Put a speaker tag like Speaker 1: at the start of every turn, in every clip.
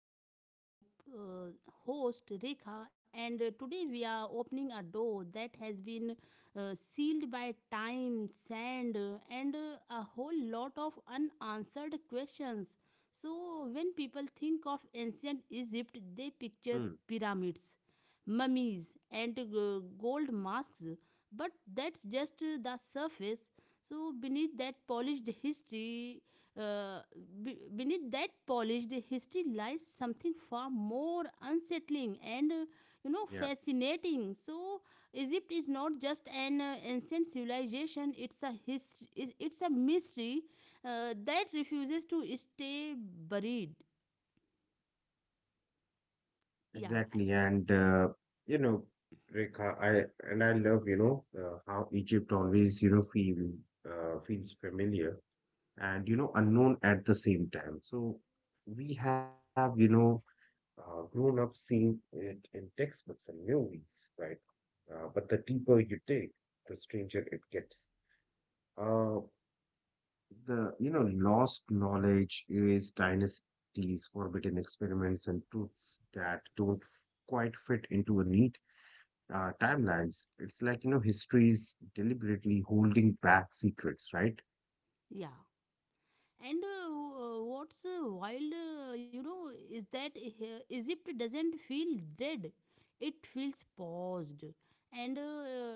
Speaker 1: I'm your uh, host Rekha, and today we are opening a door that has been sealed by time, sand, and a whole lot of unanswered questions. So, when people think of ancient Egypt, they picture
Speaker 2: Hmm.
Speaker 1: pyramids, mummies, and gold masks, but that's just the surface. So, beneath that polished history uh, beneath that polished history lies something far more unsettling and,
Speaker 2: Yeah,
Speaker 1: fascinating. So Egypt is not just an ancient civilization, it's a history, it's a mystery that refuses to stay buried. Yeah,
Speaker 2: exactly. And you know, Rekha, I love, how Egypt always, feels familiar and, unknown at the same time. So we have, grown up seeing it in textbooks and movies, right? But the deeper you dig, the stranger it gets. Uh, The lost knowledge, erased dynasties, forbidden experiments, and truths that don't quite fit into a neat timelines. It's like history's deliberately holding back secrets, right?
Speaker 1: yeah. What's wild, you know, is that Egypt doesn't feel dead; it feels paused, and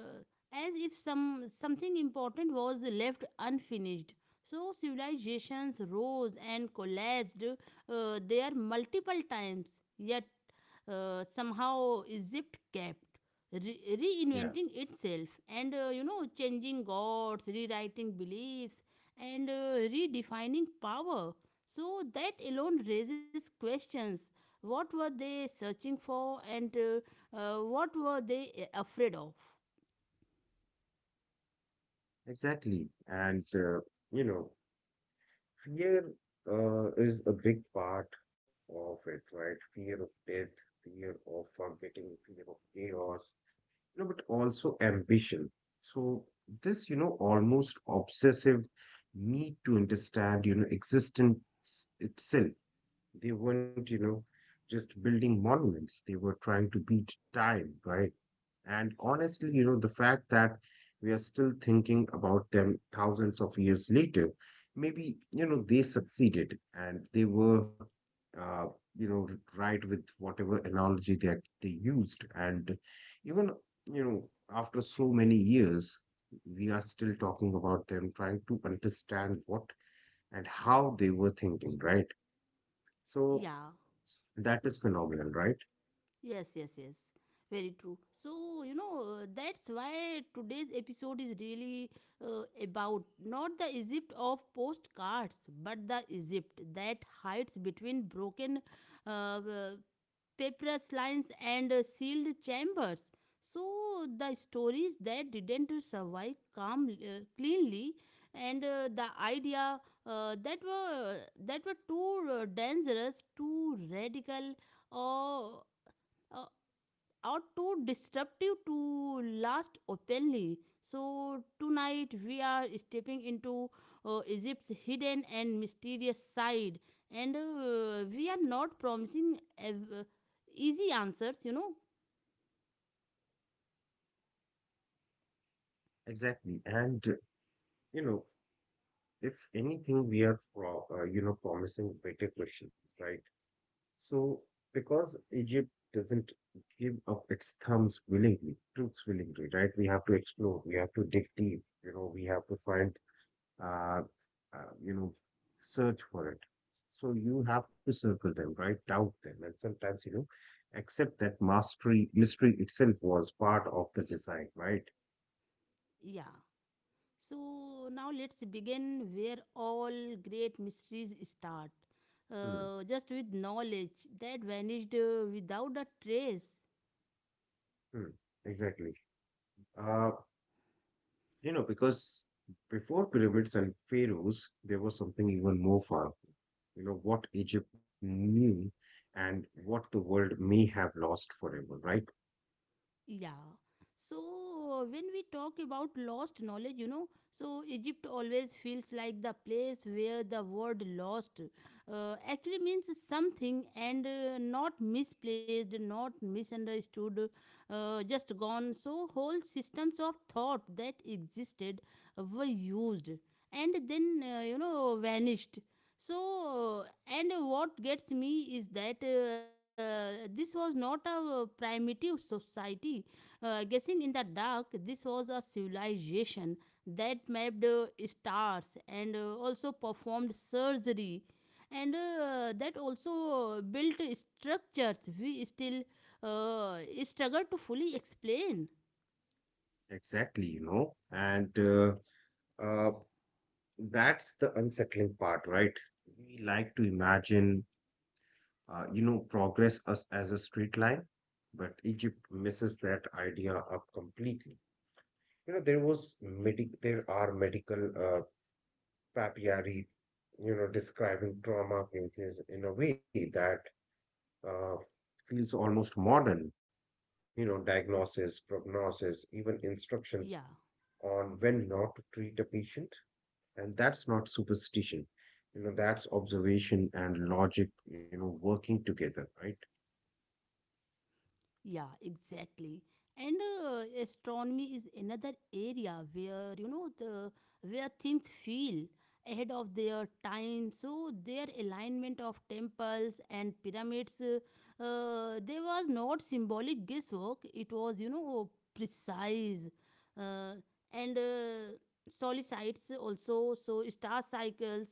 Speaker 1: as if something important was left unfinished. So civilizations rose and collapsed there multiple times, yet somehow Egypt kept
Speaker 2: Yeah,
Speaker 1: reinventing itself, and, changing gods, rewriting beliefs, and redefining power. So that alone raises questions. What were they searching for, and what were they afraid of?
Speaker 2: exactly. And you know fear is a big part of it, right? Fear of death, fear of forgetting, fear of chaos, but also ambition. So this, almost obsessive need to understand, existence itself. They weren't, just building monuments. They were trying to beat time, right? And honestly, the fact that we are still thinking about them thousands of years later, maybe, they succeeded and they were, uh, you know, right with whatever analogy that they used. And even, you know, after so many years, we are still talking about them, trying to understand what and how they were thinking, right? So,
Speaker 1: Yeah,
Speaker 2: that is phenomenal, right?
Speaker 1: yes, yes, yes. Very true. So, you know, that's why today's episode is really about not the Egypt of postcards, but the Egypt that hides between broken uh, uh, papyrus lines and sealed chambers. So the stories that didn't survive calm, cleanly, and the idea uh, that were that were too dangerous, too radical, or uh, are too disruptive to last openly. So, tonight we are stepping into Egypt's hidden and mysterious side, and we are not promising easy answers.
Speaker 2: Exactly. And, you know, if anything, we are, promising better questions, right? So, because Egypt doesn't give up its thumbs willingly, truths willingly, right? We have to explore, we have to dig deep, we have to find, uh, uh, you know, search for it. So you have to circle them, right? Doubt them. And sometimes, accept that mastery, mystery itself was part of the design, right?
Speaker 1: Yeah. So, now let's begin where all great mysteries start
Speaker 2: Hmm.
Speaker 1: just with knowledge that vanished without a trace.
Speaker 2: Hmm, exactly. Uh, because before pyramids and pharaohs, there was something even more powerful. What Egypt knew and what the world may have lost forever, right?
Speaker 1: Yeah. So when we talk about lost knowledge, you know, so Egypt always feels like the place where the word lost actually means something, and not misplaced, not misunderstood, just gone. So whole systems of thought that existed were used and then, vanished. And what gets me is that this was not a primitive society guessing in the dark. This was a civilization that mapped stars, and also performed surgery, and that also built structures we still struggle to fully explain.
Speaker 2: Exactly, you know, and uh, that's the unsettling part, right? We like to imagine, progress as a straight line, but Egypt misses that idea up completely. There are medical Papiari, describing trauma pages in a way that uh, feels almost modern. Diagnosis, prognosis, even
Speaker 1: Yeah.
Speaker 2: instructions on when not to treat a patient. And that's not superstition. That's observation and logic, working together, right?
Speaker 1: Yeah, exactly. And astronomy is another area where you know the where things feel ahead of their time. So their alignment of temples and pyramids, there was not symbolic guesswork. It was you know precise, uh, and solicites also. So star cycles.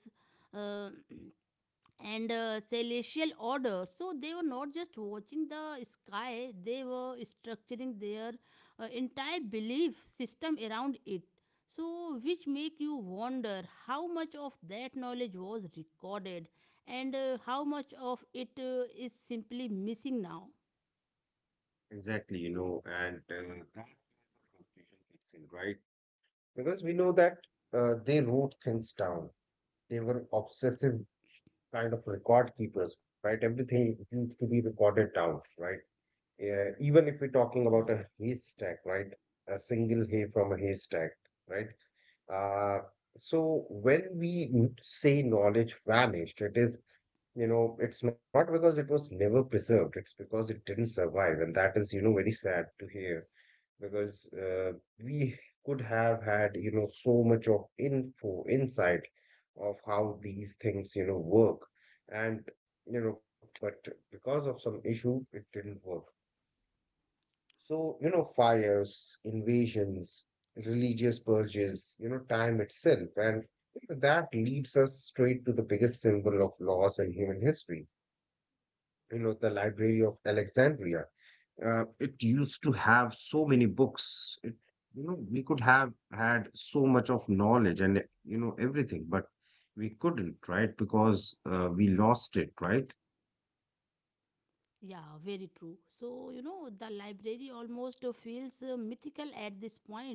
Speaker 1: Uh, and celestial order. So they were not just watching the sky, they were structuring their entire belief system around it. So, which make you wonder how much of that knowledge was recorded, and how much of it is simply missing now.
Speaker 2: Exactly, you know, and that's where the frustration kicks in, right? Because we know that they wrote things down. They were obsessive kind of record keepers, right? Everything needs to be recorded down, right? Yeah, even if we're
Speaker 1: Yeah.
Speaker 2: talking about a haystack, right? A single hay from a haystack, right? Uh, so when we say knowledge vanished, it is, you know, it's not because it was never preserved, it's because it didn't survive. And that is, very sad to hear because we could have had so much of info insight of how these things work, and but because of some issue it didn't work. So, fires, invasions, religious purges, time itself. And that leads us straight to the biggest symbol of loss in human history, the Library of Alexandria. It used to have so many books. It we could have had so much of knowledge and everything, but we couldn't, right? Because we lost it, right?
Speaker 1: Yeah, very true. So, you know, the library almost feels mythical at this point,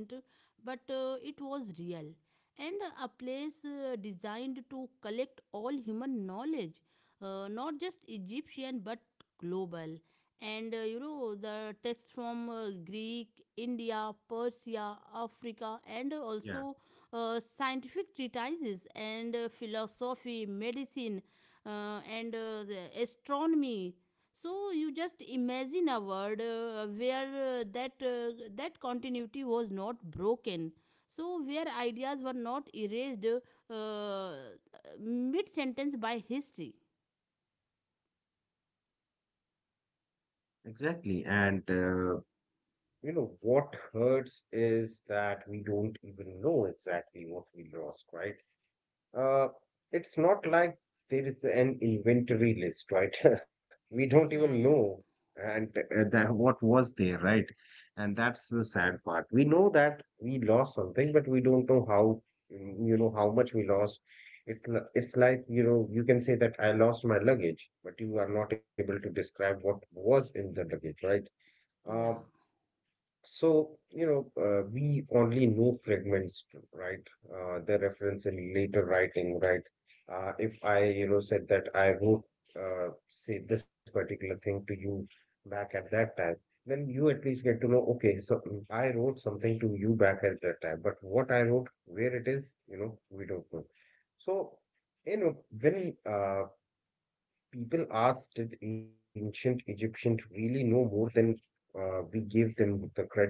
Speaker 1: but it was real. And a place designed to collect all human knowledge, not just Egyptian but global. And, the text from Greek, India, Persia, Africa, and
Speaker 2: Yeah.
Speaker 1: also scientific treatises, and philosophy, medicine, and the astronomy. So you just imagine a world where that continuity was not broken, so where ideas were not erased uh, mid sentence by history.
Speaker 2: Exactly, and what hurts is that we don't even know exactly what we lost, right? Uh, it's not like there is an inventory list, right? We don't even
Speaker 1: Yeah,
Speaker 2: know
Speaker 1: yeah,
Speaker 2: and that what was there, right? And that's the sad part. We know that we lost something, but we don't know how, mm, you know, how much we lost. It's like, you can say that I lost my luggage, but you are not able to describe what was in the luggage, right?
Speaker 1: yeah.
Speaker 2: Um we only know fragments, right? The reference in later writing, right? If I, said that I wrote, say, this particular thing to you back at that time, then you at least get to know, okay, so I wrote something to you back at that time, but what I wrote, where it is, we don't know. So, when people ask, did ancient Egyptians really know more than we give them the credit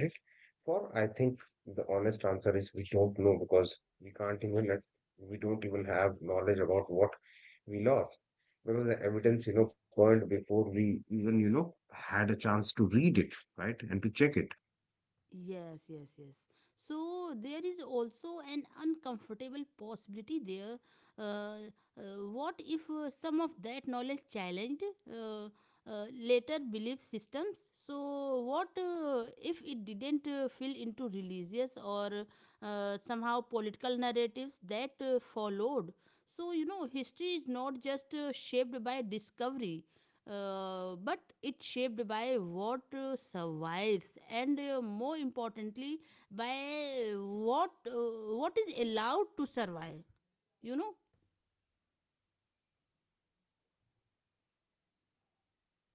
Speaker 2: for? I think the honest answer is we don't know because we can't even, like, we don't even have knowledge about what we lost because the evidence, burned before we even, had a chance to read it, right, and to check it.
Speaker 1: Yes, yes, yes. So there is also an uncomfortable possibility there. Uh, what if some of that knowledge challenged uh, later belief systems? So what if it didn't fill into religious or somehow political narratives that followed? So you know, history is not just shaped by discovery; but it's shaped by what survives, and more importantly by what is allowed to survive, you know.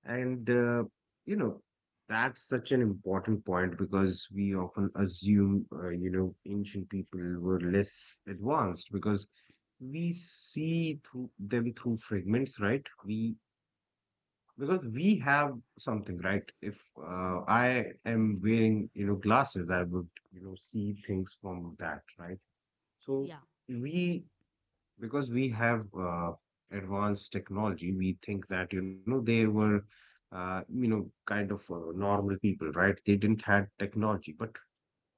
Speaker 2: And, you know, that's such an important point because we often assume, ancient people were less advanced because we see through them through fragments, right? We Because we have something, right? If I am wearing, glasses, I would, see things from that, right? So
Speaker 1: Yeah,
Speaker 2: we because we have advanced technology, we think that, they were, kind of normal people, right? They didn't have technology, but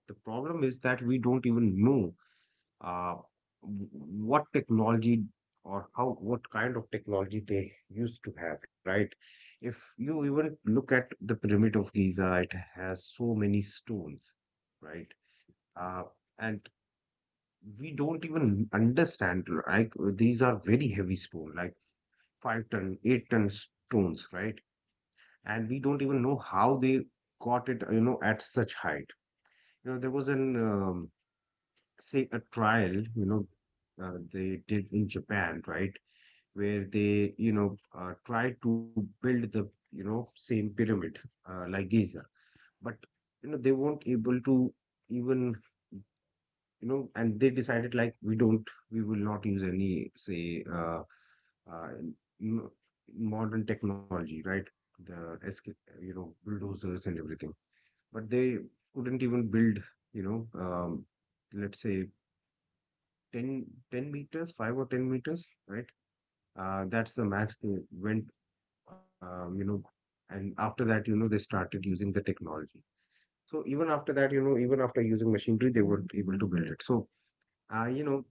Speaker 2: the problem is that we don't even know uh, what technology, or how what kind of technology they used to have, right? If you even look at the Pyramid of Giza, it has so many stones, right? Uh, and we don't even understand, like, these are very heavy stone, like 5 ton 8-ton stones, right? And we don't even know how they got it, at such height. There was an um, say a trial, they did in Japan, right? Where they tried to build the same pyramid, like Giza, but they weren't able to, even, you and they decided, like, we will not use any say uh, n- modern technology, right. The bulldozers and everything, but they couldn't even build, you know um, let's say 10 10 meters, 5 or 10 meters, right? That's the max they went, um, you know, and after that, they started using the technology. So even after that, even after using machinery, they weren't able to build it. So, uh, you know,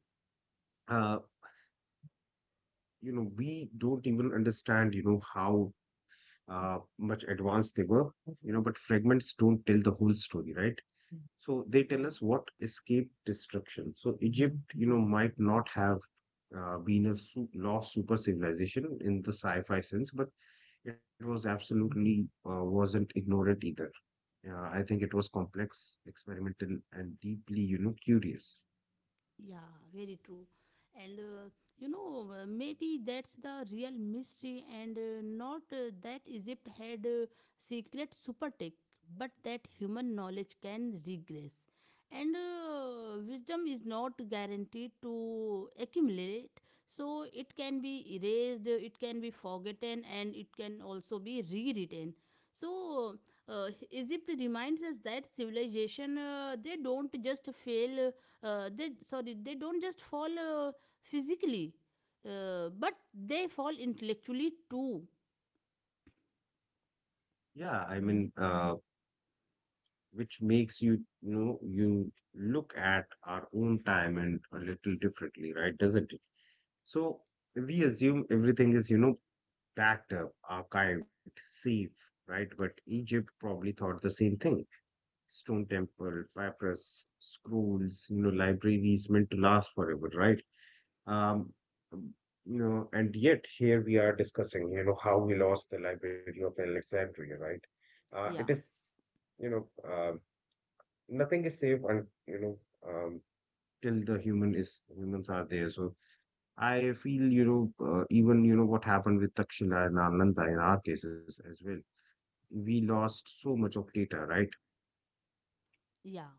Speaker 2: uh, we don't even understand, how much advanced they were, but fragments don't tell the whole story, right? So they tell
Speaker 1: yeah.
Speaker 2: us what escaped destruction. So Egypt, might not have been a lost super civilization in the sci-fi sense, but it was absolutely wasn't ignorant either. I think it was complex, experimental, and deeply, curious.
Speaker 1: Yeah, very true. And maybe that's the real mystery, and not that Egypt had secret super tech, but that human knowledge can regress. And wisdom is not guaranteed to accumulate, so it can be erased, it can be forgotten, and it can also be rewritten. So, Egypt reminds us that civilization they don't just fail, they don't just fall physically, but they fall intellectually too.
Speaker 2: Yeah, I mean, which makes you, you look at our own time and a little differently, right? Doesn't it? So we assume everything is, backed up, archived, safe, right? But Egypt probably thought the same thing. Stone temple, papyrus, scrolls, libraries meant to last forever, right? Um, um, and yet here we are discussing, how we lost the Library of Alexandria, right? It
Speaker 1: Yeah,
Speaker 2: is, you know, Nothing is safe, and um, till the human is humans are there. So I feel, even what happened with Takshila and Nalanda in our cases as well, we lost so much of data, right?
Speaker 1: yeah.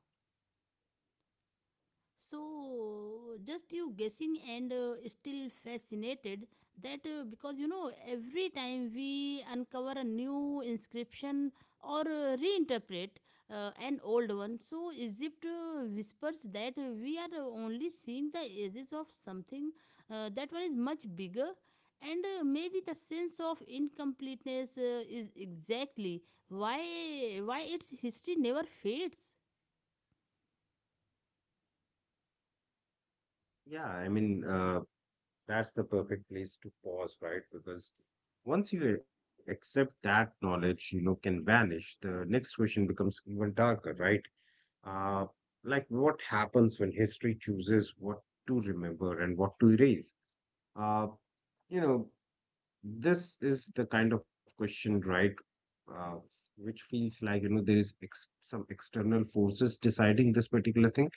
Speaker 1: So just you guessing and still fascinated that because you know every time we uncover a new inscription or reinterpret an old one, so Egypt whispers that we are only seeing the edges of something that one is much bigger. And maybe the sense of incompleteness is exactly why why its history never fades.
Speaker 2: Yeah, I mean, that's the perfect place to pause, right? Because once you accept that knowledge, can vanish, the next question becomes even darker, right? Uh, like what happens when history chooses what to remember and what to erase? Uh, you know, this is the kind of question, right? Uh, which feels like, there is some external forces deciding this particular thing.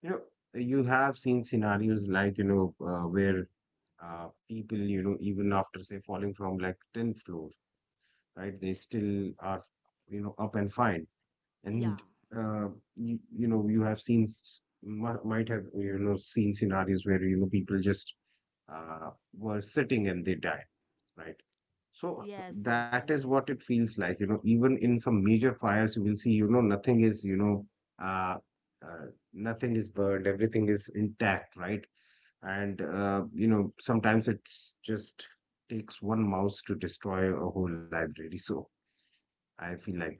Speaker 2: You know, you have seen scenarios like, where people, even after, say, falling from like 10th floor, right, they still are, up and fine. And,
Speaker 1: Yeah.
Speaker 2: uh, you have seen, might have, seen scenarios where, people just uh, were sitting and they died. Right. So
Speaker 1: Yes, yes,
Speaker 2: that is
Speaker 1: yes,
Speaker 2: what
Speaker 1: yes,
Speaker 2: it
Speaker 1: yes.
Speaker 2: feels like, even in some major fires, you will see, uh, uh, nothing is burned, everything is intact, right? And, sometimes it's just takes one mouse to destroy a whole library. So I feel like that.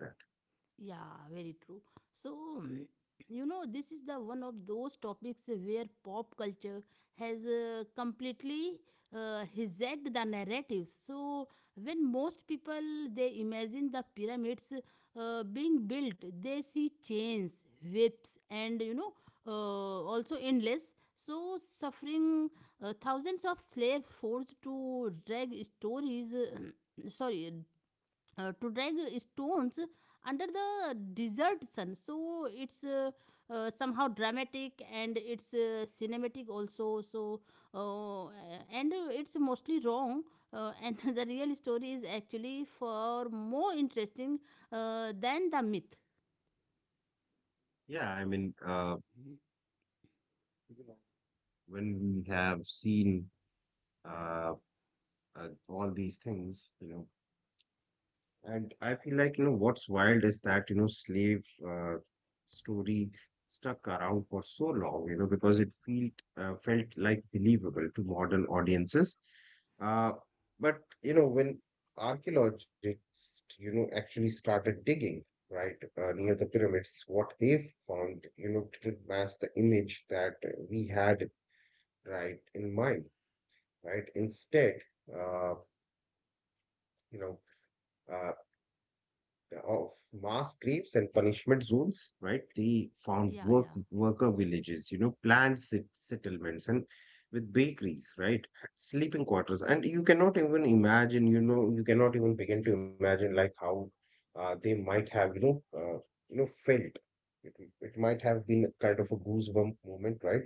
Speaker 1: Yeah, very true. So, mm. You know, this is the one of those topics where pop culture has completely hijacked the narrative. So, when most people they imagine the pyramids being built, they see chains, whips, and you know, also endless. So, suffering thousands of slaves forced to drag stories. Sorry, to drag stones under the desert sun. So it's somehow dramatic, and it's cinematic also. So uh, and uh, it's mostly wrong, and the real story is actually far more interesting than the myth.
Speaker 2: Yeah, I mean,
Speaker 1: Mhm.
Speaker 2: when we have seen uh, all these things, and I feel like, what's wild is that, slave story stuck around for so long, because it felt felt like believable to modern audiences. Uh, but when archaeologists, actually started digging, right, near the pyramids, what they found, didn't match the image that we had, right, in mind, right? Instead, uh, you know, uh, of mass graves and punishment zones, right? They found
Speaker 1: Yeah,
Speaker 2: work
Speaker 1: yeah,
Speaker 2: worker villages, planned settlements and with bakeries, right? Sleeping quarters. And you cannot even imagine, you cannot even begin to imagine like how they might have, felt. It, it might have been kind of a goosebump moment, right?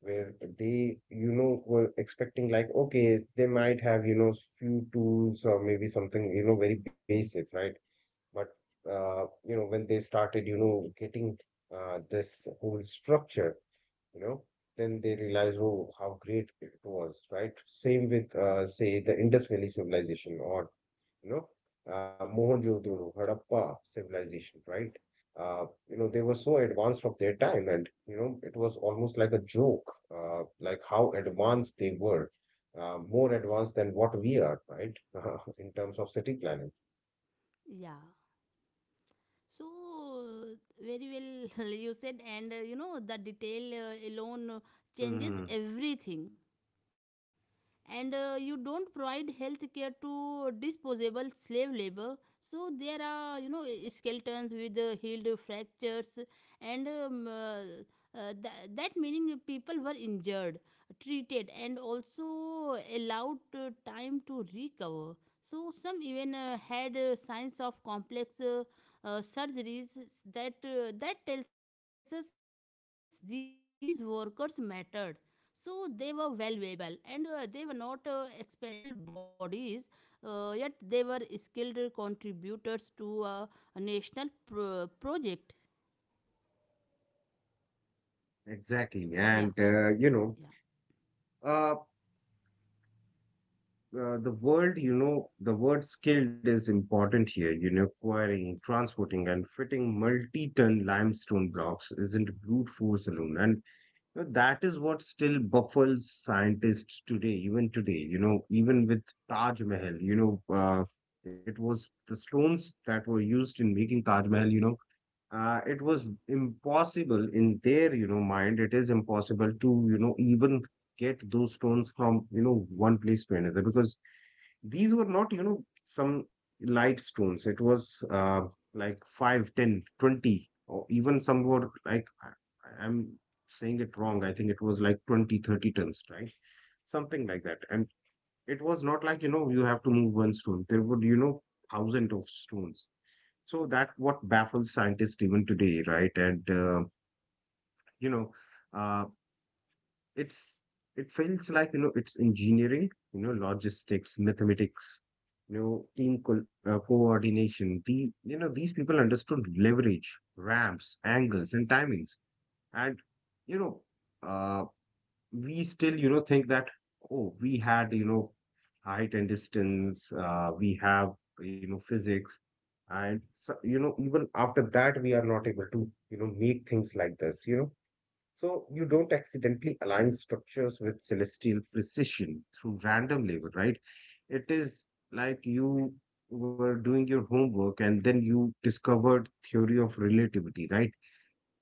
Speaker 2: Where they, were expecting like, okay, they might have, few tools or maybe something, very basic, right? But when they started, getting this whole structure, you know, then they realized, oh, how great it was, right? Same with, say, the Indus Valley civilization or, you know, Mohenjo-daro, Harappa civilization, right? Uh, they were so advanced of their time, and it was almost like a joke, like how advanced they were, more advanced than what we are, right? In terms of city planning.
Speaker 1: yeah. So very well you said, and you know the detail alone changes everything, and you don't provide health care to disposable slave labor. So there are you know skeletons with healed fractures, and that meaning people were injured, treated, and also allowed time to recover. So some even had signs of complex surgeries, that that tells us these workers mattered. So they were valuable, and they were not expendable bodies, yet they were skilled contributors to a national project.
Speaker 2: Exactly.
Speaker 1: Yeah,
Speaker 2: And,
Speaker 1: yeah.
Speaker 2: uh, the word, the word skilled is important here. Quarrying, transporting, and fitting multi ton limestone blocks isn't brute force alone. And that is what still baffles scientists today, even today, even with Taj Mahal. It was the stones that were used in making Taj Mahal. It was impossible in their mind. It is impossible to even get those stones from one place to another because these were not some light stones. It was like 5, 10, 20, or even some were like I'm saying it wrong. I think it was like 20, 30 tons, right, something like that. And it was not like you have to move one stone. There would thousand of stones. So that what baffles scientists even today, right? You know, uh, it's it feels like it's engineering, logistics, mathematics, team co coordination. These people understood leverage, ramps, angles, and timings, and you know. Uh, we still, think that, oh, we had, height and distance, we have, physics. And so, even after that, we are not able to, make things like this. So you don't accidentally align structures with celestial precision through random labor, right? It is like you were doing your homework and then you discovered theory of relativity, right?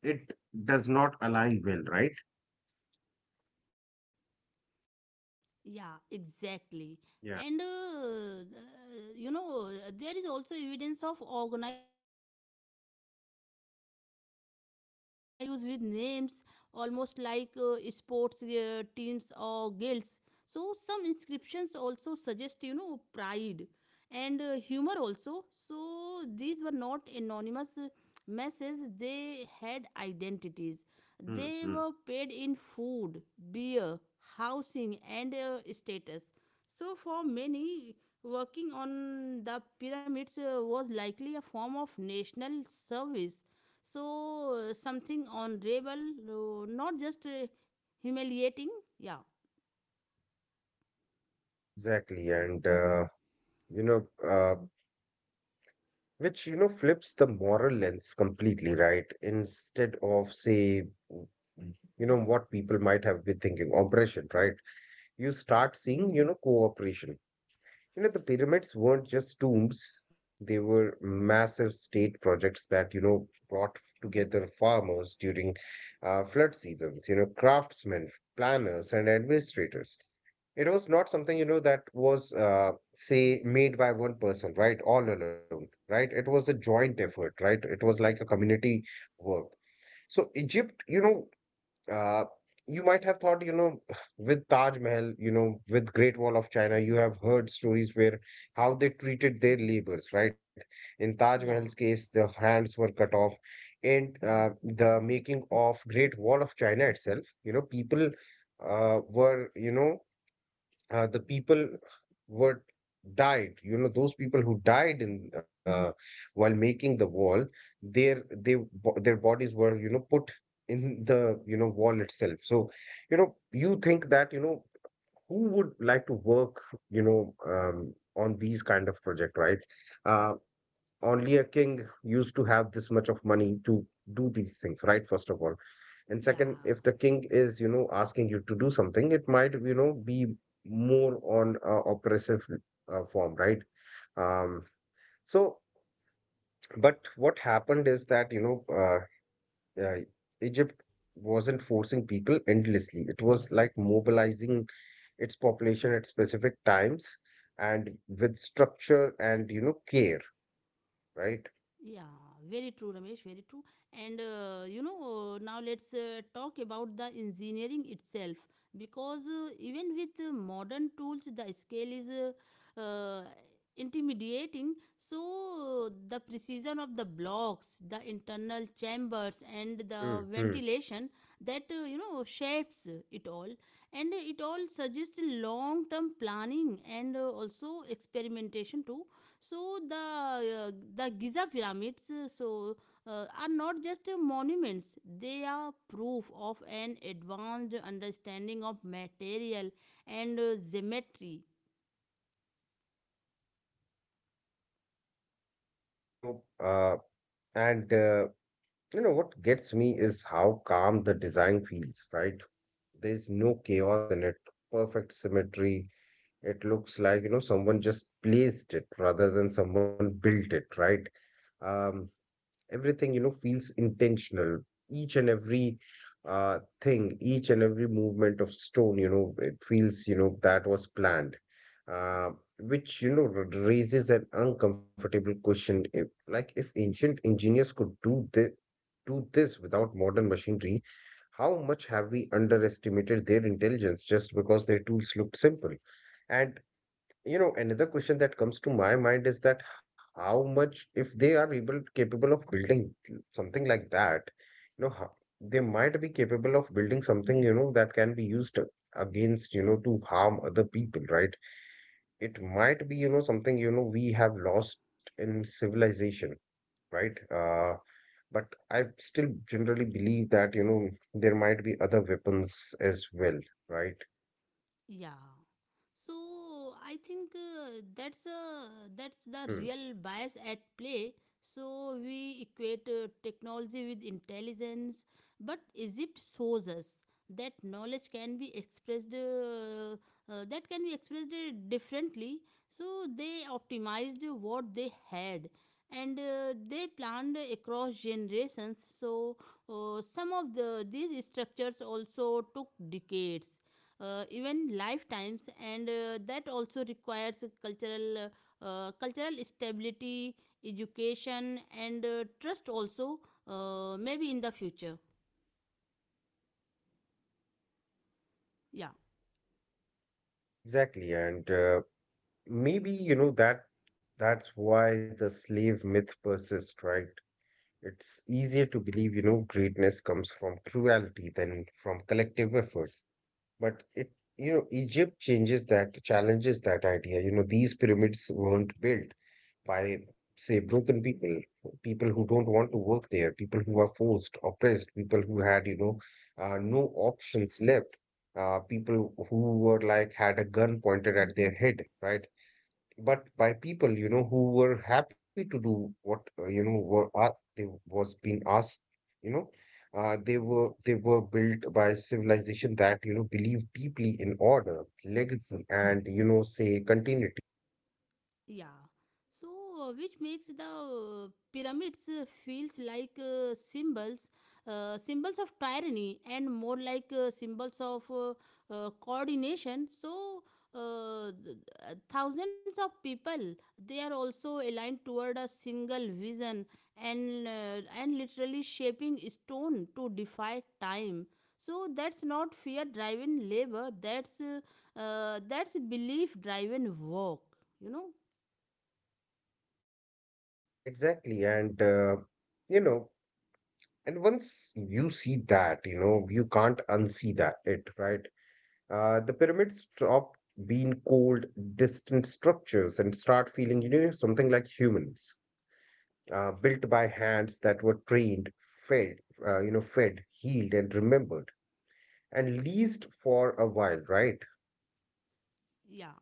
Speaker 2: It does not align well, right?
Speaker 1: Yeah, exactly.
Speaker 2: Yeah.
Speaker 1: And there is also evidence of organization, just like work crews with names, almost like sports teams or guilds. So some inscriptions also suggest you know pride, and humor also. So these were not anonymous messages; they had identities.
Speaker 2: Hmm,
Speaker 1: They were
Speaker 2: hmm.
Speaker 1: paid in food, beer, housing, and status. So, for many, working on the pyramids was likely a form of national service. So, something honorable, not just humiliating. Yeah,
Speaker 2: Exactly, and you know, uh, which flips the moral lens completely, right? Instead of say, w- what people might have been thinking, oppression, right? You start seeing, cooperation. The pyramids weren't just tombs, they were massive state projects that, brought together farmers during flood seasons, craftsmen, planners, and administrators. It was not something, that was, say, made by one person, right? All alone, right? It was a joint effort, right? It was like a community work. So Egypt, uh, you might have thought, with Taj Mahal, with Great Wall of China, you have heard stories where how they treated their laborers, right? In Taj Mahal's
Speaker 1: yeah,
Speaker 2: case, the hands were cut off, and the making of Great Wall of China itself, people were, the people were died. Those people who died in while making the wall, their bodies were put in the wall itself. So you think that who would like to work on these kind of project, right? uh, Only a king used to have this much of money to do these things, right, first of all. And second,
Speaker 1: yeah.
Speaker 2: if the king is, asking you to do something, it might, be more on oppressive form, right? Um, so, but what happened is that, uh, uh, Egypt wasn't forcing people endlessly. It was like mobilizing its population at specific times and with structure and, care, right?
Speaker 1: Yeah, very true, Ramesh, very true. And now let's talk about the engineering itself, because even with modern tools, the scale is intimidating. So, the precision of the blocks, the internal chambers, and
Speaker 2: Hmm.
Speaker 1: the ventilation that you know shapes it all, and it all suggests long term planning, and also experimentation too. So the Giza pyramids are not just monuments, they are proof of an advanced understanding of material and geometry.
Speaker 2: Know, uh, and uh, You know what gets me is how calm the design feels, right? There's no chaos in it, perfect symmetry. It looks like, someone just placed it rather than someone built it, right? Um, Everything, feels intentional. Each and every thing, each and every movement of stone, it feels, that was planned. Uh, which, raises an uncomfortable question: if like if ancient engineers could do this without modern machinery, how much have we underestimated their intelligence just because their tools looked simple? And another question that comes to my mind is that how much, if they are able capable of building something like that, how, they might be capable of building something, that can be used against, to harm other people, right? It might be, something, we have lost in civilization, right? But I still generally believe that, there might be other weapons as well, right?
Speaker 1: Yeah. So I think that's the
Speaker 2: Hmm.
Speaker 1: real bias at play. So we equate technology with intelligence, but Egypt shows us that knowledge can be expressed differently. So they optimized what they had. And they planned across generations. So some of these structures also took decades, even lifetimes, and that also requires cultural stability, education, and trust also, maybe in the future. Yeah.
Speaker 2: Exactly. And maybe, that's why the slave myth persists, right? It's easier to believe, greatness comes from cruelty than from collective effort. But Egypt changes that, challenges that idea. These pyramids weren't built by, say, broken people, people who don't want to work there, people who are forced, oppressed, people who had, no options left, people who were like had a gun pointed at their head, right? But by people, who were happy to do what, were they was being asked, you know, they were built by civilization that, believed deeply in order, legacy, and, say continuity.
Speaker 1: Yeah. So, which makes the pyramids feels like symbols, symbols of tyranny, and more like symbols of coordination. So, uh, th- thousands of people, they are also aligned toward a single vision, and literally shaping stone to defy time. So that's not fear-driven labor. That's belief-driven work. You know.
Speaker 2: Exactly, and you know. And once you see that, you can't unsee that it, right? The pyramids stop being cold, distant structures and start feeling, something like humans, built by hands that were trained, fed, healed, and remembered, and leased for a while, right?
Speaker 1: Yeah,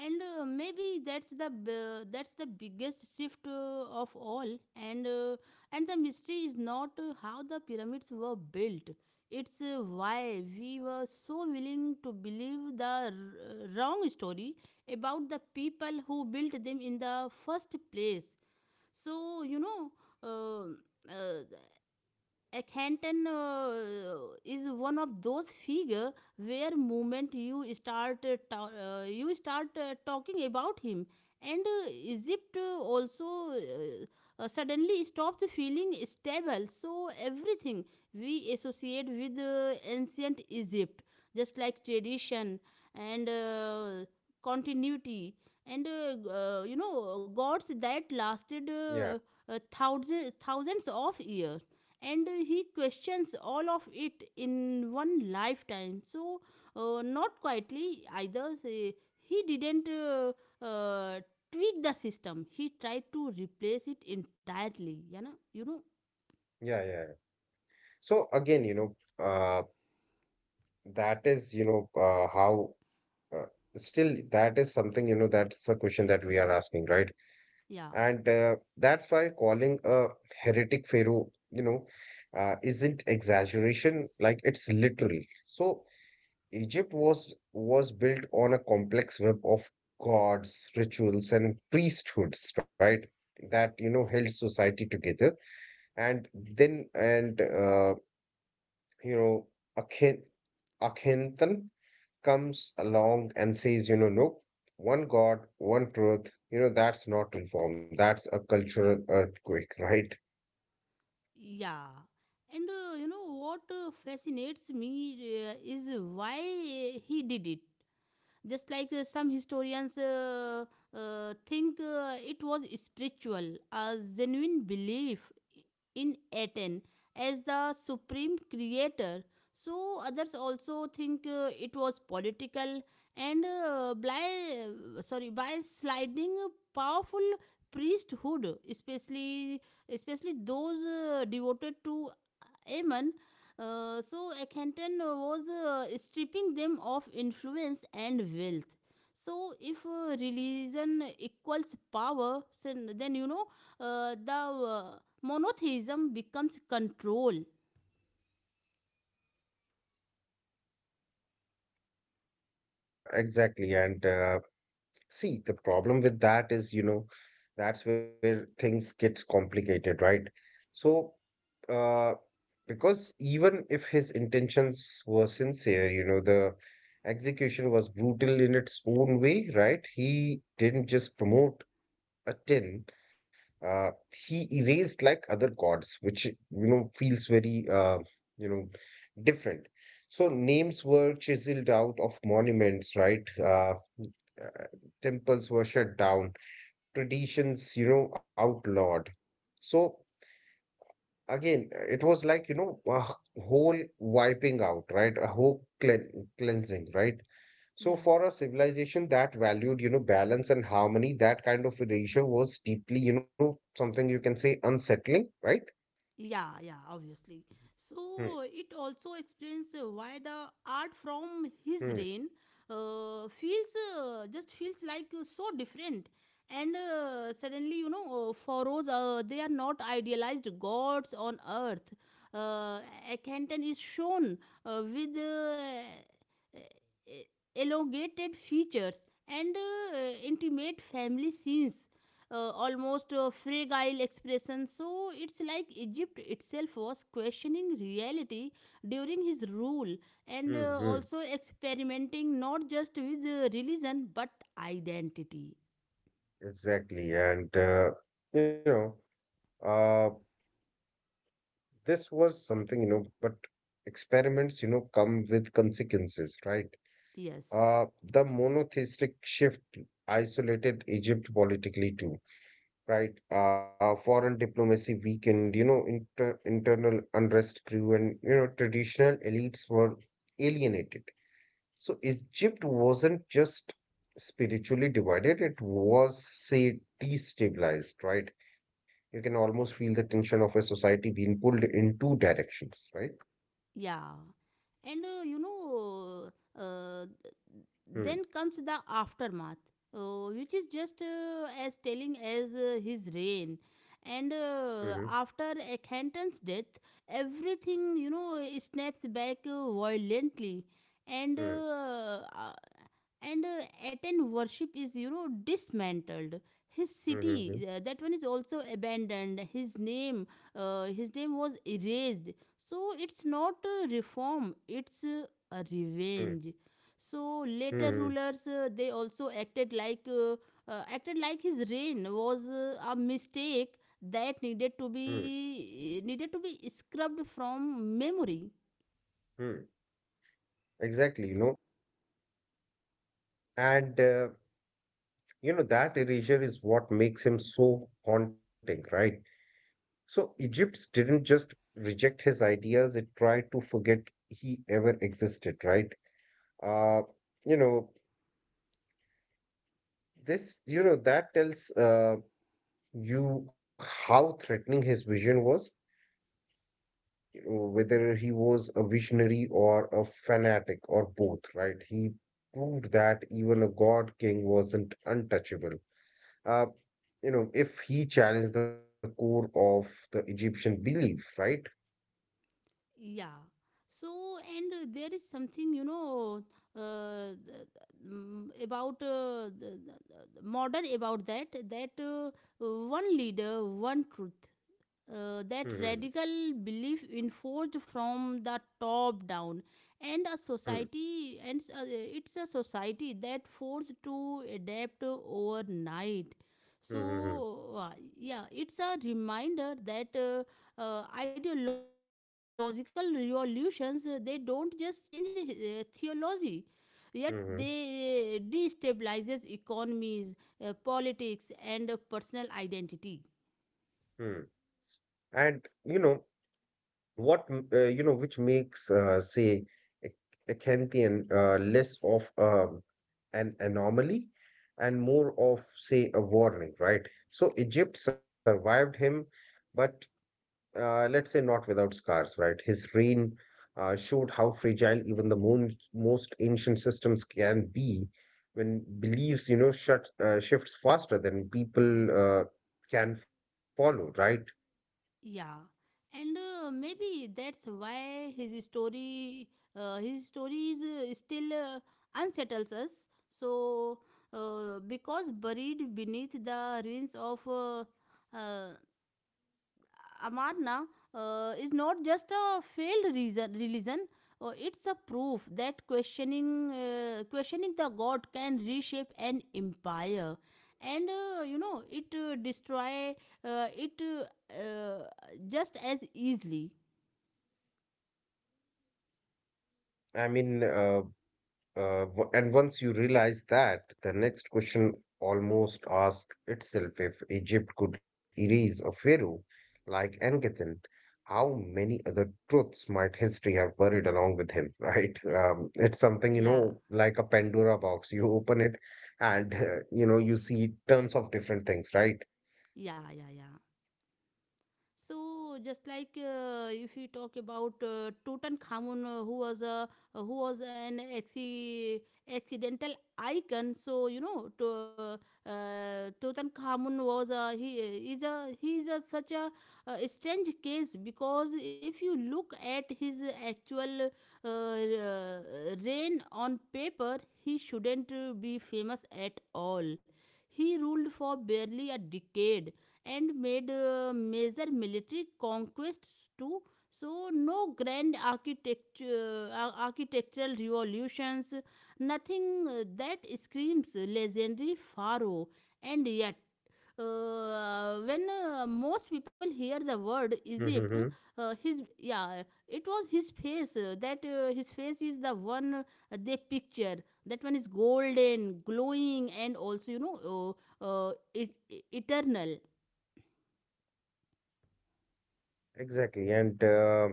Speaker 1: and maybe that's that's the biggest shift of all and the mystery is not how the pyramids were built. It's why we were so willing to believe the wrong story about the people who built them in the first place. so you know uh, uh, Akhenaten is one of those figure where moment you start you start talking about him, and Egypt also uh, suddenly stops feeling stable. So everything we associate with ancient Egypt, just like tradition and continuity and you know, gods that lasted
Speaker 2: Yeah,
Speaker 1: thousands thousands of years, and he questions all of it in one lifetime. So not quietly either, say, he didn't uh, tweak the system. He tried to replace it entirely, you know, you know.
Speaker 2: yeah, yeah, yeah. So again, know, uh, that is, you know, how. Uh, Still, that is something, that's the question that we are asking, right?
Speaker 1: Yeah,
Speaker 2: And that's why calling a heretic pharaoh, you know, isn't exaggeration, like it's literal. So Egypt was built on a complex web of gods, rituals, and priesthoods, right? That, held society together. And then, you know, Akhen Akhenaten comes along and says, nope, one God, one truth, that's not reform. That's a cultural earthquake, right?
Speaker 1: yeah, and you know what fascinates me is why he did it. Just like some historians think it was spiritual, a genuine belief in Aten as the supreme creator. So others also think it was political and by sorry by sliding powerful priesthood, especially especially those devoted to Amen. So Akhenaten was stripping them of influence and wealth. So if religion equals power, so then you know the monotheism becomes control.
Speaker 2: Exactly. And see, the problem with that is, that's where things gets complicated, right? So, uh, because even if his intentions were sincere, the execution was brutal in its own way, right? He didn't just promote a 10, uh, he erased like other gods, which, feels very, you know, different. So names were chiseled out of monuments, right? Uh, Temples were shut down, traditions, outlawed. So again, it was like, a whole wiping out, right? A whole cleansing, right? So
Speaker 1: Yeah.
Speaker 2: for a civilization that valued, balance and harmony, that kind of erasure was deeply, something you can say unsettling, right?
Speaker 1: Yeah, yeah, obviously.
Speaker 2: Hmm,
Speaker 1: So it also explains why the art from his
Speaker 2: hmm,
Speaker 1: reign feels just feels like so different. And suddenly, you know, pharaohs they are not idealized gods on earth. Uh, Akhenaten is shown with e- e-, elongated features and intimate family scenes, almost fragile expression. So it's like Egypt itself was questioning reality during his rule and
Speaker 2: hmm, hmm.
Speaker 1: also experimenting not just with religion but identity.
Speaker 2: Exactly. And you know, uh, this was something, but experiments, come with consequences, right?
Speaker 1: Yes.
Speaker 2: Uh, the monotheistic shift isolated Egypt politically too. Right. Foreign diplomacy weakened, internal unrest grew and, traditional elites were alienated. So Egypt wasn't just spiritually divided, it was, say, destabilized, right? You can almost feel the tension of a society being pulled in two directions, right?
Speaker 1: Yeah. And you know uh,
Speaker 2: Hmm.
Speaker 1: then comes the aftermath, which is just as telling as his reign. And
Speaker 2: Mm-hmm.
Speaker 1: after Akhenaten's death, everything, you know, snaps back violently, and uh,
Speaker 2: Hmm.
Speaker 1: uh, and Aten worship is, you know, dismantled. His
Speaker 2: Mm-hmm.
Speaker 1: city, that one is also abandoned. His name was erased. So it's not a reform; it's a
Speaker 2: Hmm.
Speaker 1: revenge. So later
Speaker 2: Hmm.
Speaker 1: rulers, they also acted like his reign was a mistake that
Speaker 2: Hmm.
Speaker 1: needed to be scrubbed from memory.
Speaker 2: Hmm. Exactly, And you know, that erasure is what makes him so haunting, right? So Egypt didn't just reject his ideas, it tried to forget he ever existed, right? Uh, you know, this, that tells you how threatening his vision was, whether he was a visionary or a fanatic or both, right? He proved that even a god king wasn't untouchable. uh, if he challenged the core of the Egyptian belief, right?
Speaker 1: Yeah. So, and there is something, you know, uh, th- about the modern about that, that one leader, one truth, that
Speaker 2: Mm-hmm.
Speaker 1: radical belief enforced from the top down and a
Speaker 2: Mm-hmm.
Speaker 1: society and it's a society that forced to adapt overnight.
Speaker 2: Mm-hmm.
Speaker 1: So yeah, it's a reminder that ideological revolutions they don't just change theology, yet
Speaker 2: Mm-hmm.
Speaker 1: they destabilizes economies, politics and personal identity.
Speaker 2: hmm And you know what, which makes say Ec- Acanthian less of an anomaly and more of, say, a warning, right? So Egypt survived him, but let's say not without scars, right? His reign showed how fragile even the most ancient systems can be when beliefs, shifts faster than people can follow, right?
Speaker 1: Yeah, and maybe that's why his story is still unsettles us. So, because buried beneath the ruins of uh, Amarna is not just a failed reason, religion. It's a proof that questioning the god can reshape an empire, and you know it destroy it just as easily.
Speaker 2: I mean, and once you realize that, the next question almost asks itself: if Egypt could erase a pharaoh like Akhenaten, how many other truths might history have buried along with him, right? It's something,
Speaker 1: Yeah,
Speaker 2: like a Pandora box. You open it and, you see tons of different things, right?
Speaker 1: yeah, yeah, yeah. So just like if we talk about Tutankhamun, who was an accidental icon. So you know, to, Tutankhamun was a, he is a he is a such a, strange case because if you look at his actual reign on paper, he shouldn't be famous at all. He ruled for barely a decade and made major military conquests too. So, no grand architect, architectural revolutions, nothing that screams legendary pharaoh. And yet, when most people hear the word Egypt,
Speaker 2: Mm-hmm.
Speaker 1: his yeah, it was his face that his face is the one they picture. That one is golden, glowing, and also you know eternal.
Speaker 2: Exactly.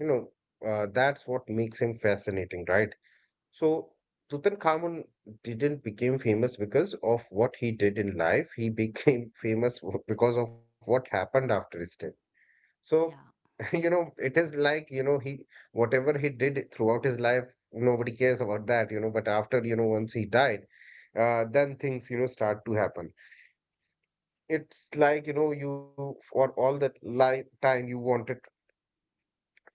Speaker 2: you know, that's what makes him fascinating, right? So Tutankhamun didn't become famous because of what he did in life. He became famous because of what happened after his death. So,
Speaker 1: Yeah,
Speaker 2: it is like, he whatever he did throughout his life, nobody cares about that, but after, once he died, then things, start to happen. It's like, you for all that life time you wanted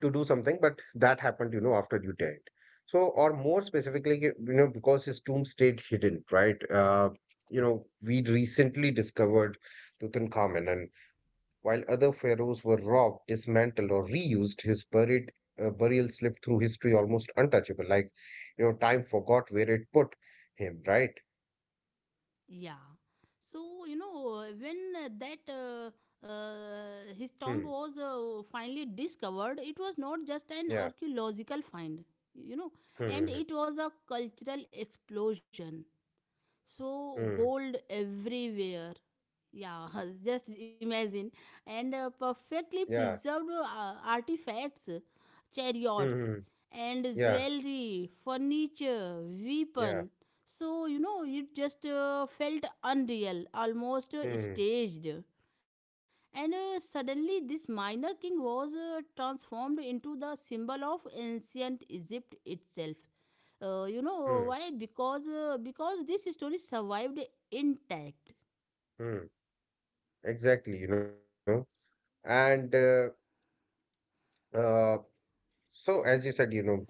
Speaker 2: to do something, but that happened, after you died. So, or more specifically, because his tomb stayed hidden, right? We recently discovered Tutankhamen, and while other pharaohs were robbed, dismantled, or reused, his buried burial slipped through history almost untouchable. Like, time forgot where it put him, right?
Speaker 1: yeah. So, you know, when that his
Speaker 2: Hmm.
Speaker 1: tomb was finally discovered, it was not just
Speaker 2: Yeah.
Speaker 1: an archaeological find, you know, and
Speaker 2: Hmm.
Speaker 1: it was a cultural explosion. So
Speaker 2: Hmm. Hmm, hmm.
Speaker 1: gold everywhere, yeah, just imagine, and perfectly
Speaker 2: Yeah.
Speaker 1: preserved artifacts,
Speaker 2: Hmm. Hmm,
Speaker 1: chariots
Speaker 2: hmm.
Speaker 1: and
Speaker 2: Yeah.
Speaker 1: jewelry, furniture, weapon.
Speaker 2: Yeah.
Speaker 1: So you know it just felt unreal, almost
Speaker 2: Hmm.
Speaker 1: staged. And suddenly this minor king was transformed into the symbol of ancient Egypt itself. You
Speaker 2: Hmm.
Speaker 1: know why? Because this story survived intact.
Speaker 2: Hmm. Exactly. You know. And uh, so, as you said, you know that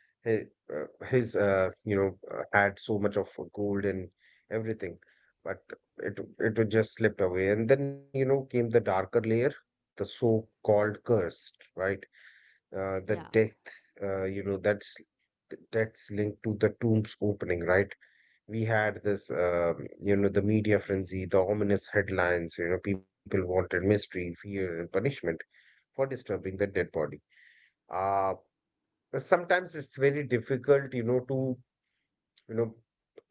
Speaker 2: his, had so much of gold and everything, but it was just slipped away. And then came the darker layer, the so-called cursed, right? The
Speaker 1: Yeah,
Speaker 2: death, uh, you know, that's that's linked to the tomb's opening, right? We had this, the media frenzy, the ominous headlines. People wanted mystery, fear, and punishment for disturbing the dead body. uh Sometimes it's very difficult, to, you know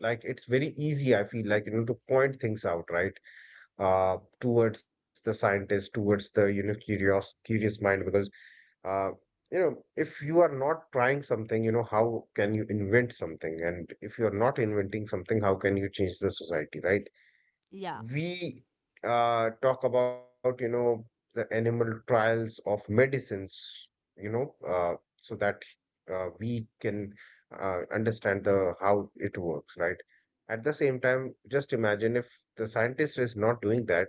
Speaker 2: like, it's very easy, I feel like, to point things out, right? Towards the scientist, towards the, curious mind, because uh if you are not trying something, how can you invent something? And if you are not inventing something, how can you change the society, right?
Speaker 1: yeah,
Speaker 2: We talk about, the animal trials of medicines, you know uh, so that we can understand the how it works, right? At the same time, just imagine if the scientist is not doing that,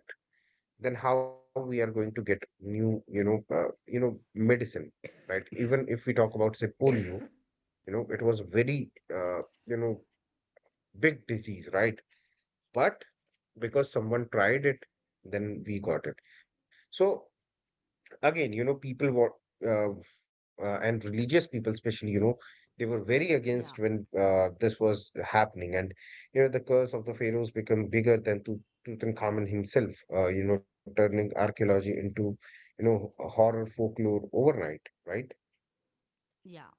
Speaker 2: then how we are going to get new, medicine, right? Even if we talk about, say, polio, it was a very, you know big disease, right? But because someone tried it, then we got it. So again, people were, uh, and religious people, especially, they were very
Speaker 1: yeah,
Speaker 2: against when this was happening, and the curse of the pharaohs become bigger than Tutankhamun himself. Turning archaeology into, horror folklore overnight, right?
Speaker 1: yeah.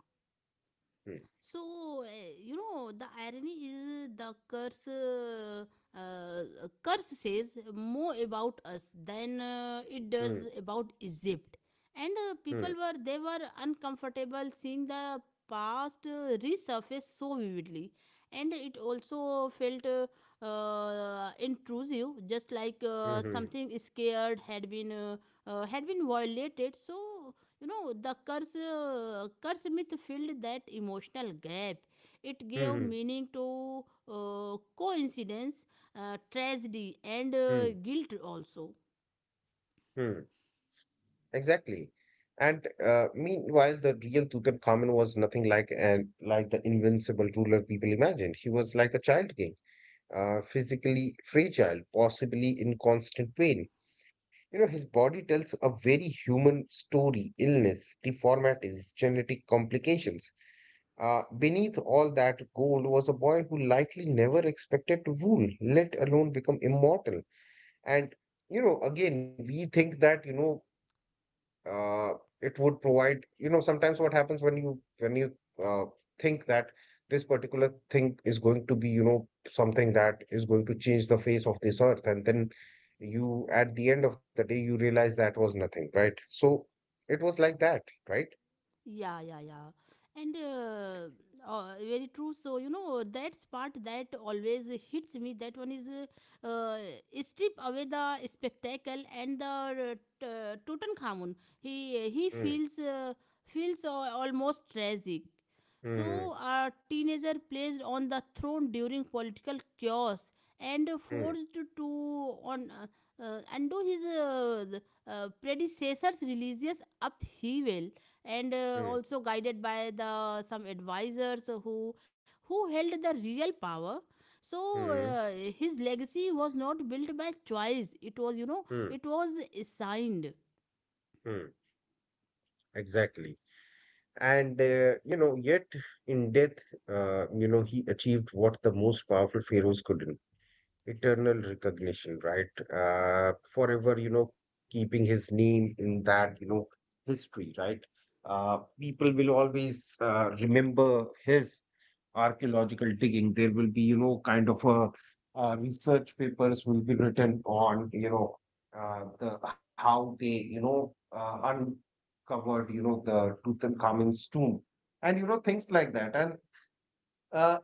Speaker 2: Hmm.
Speaker 1: So, you know, the irony is the curse. Uh, Curse says more about us than it
Speaker 2: Hmm.
Speaker 1: does about Egypt, and
Speaker 2: Hmm.
Speaker 1: people were they were uncomfortable seeing the past resurface so vividly, and it also felt intrusive, just like
Speaker 2: Hmm.
Speaker 1: something scared had been violated. So you know, the curse, curse myth filled that emotional gap. It
Speaker 2: Hmm. Hmm.
Speaker 1: gave meaning to coincidence, tragedy, and
Speaker 2: Hmm.
Speaker 1: guilt also.
Speaker 2: Hmm. Exactly. And Meanwhile, the real Tutankhamun was nothing like the invincible ruler people imagined. He was like a child king, physically fragile, possibly in constant pain. His body tells a very human story: illness, deformities, genetic complications. Beneath all that gold was a boy who likely never expected to rule, let alone become immortal. And, again, we think that, uh, it would provide, sometimes what happens when you uh, think that this particular thing is going to be, something that is going to change the face of this earth, and then you, at the end of the day, you realize that was nothing, right? So it was like that, right?
Speaker 1: Yeah, yeah, yeah. And very true. So, you know, that's part that always hits me. That one is uh, uh, strip away the spectacle and the Tutankhamun. He
Speaker 2: Mm,
Speaker 1: feels feels almost tragic.
Speaker 2: mm,
Speaker 1: So, a teenager placed on the throne during political chaos and
Speaker 2: mm,
Speaker 1: forced to on undo his predecessor's religious upheaval and
Speaker 2: mm,
Speaker 1: also guided by the some advisors who held the real power. So
Speaker 2: mm,
Speaker 1: uh, his legacy was not built by choice, it was, you know,
Speaker 2: mm,
Speaker 1: it was assigned.
Speaker 2: mm. Exactly. And, yet in death, he achieved what the most powerful pharaohs couldn't: eternal recognition, right? Forever, keeping his name in that, history, right? People will always remember his archaeological digging. There will be, kind of a research papers will be written on, the how they, uncovered, the Tutankhamun's tomb, and, things like that, and. Uh,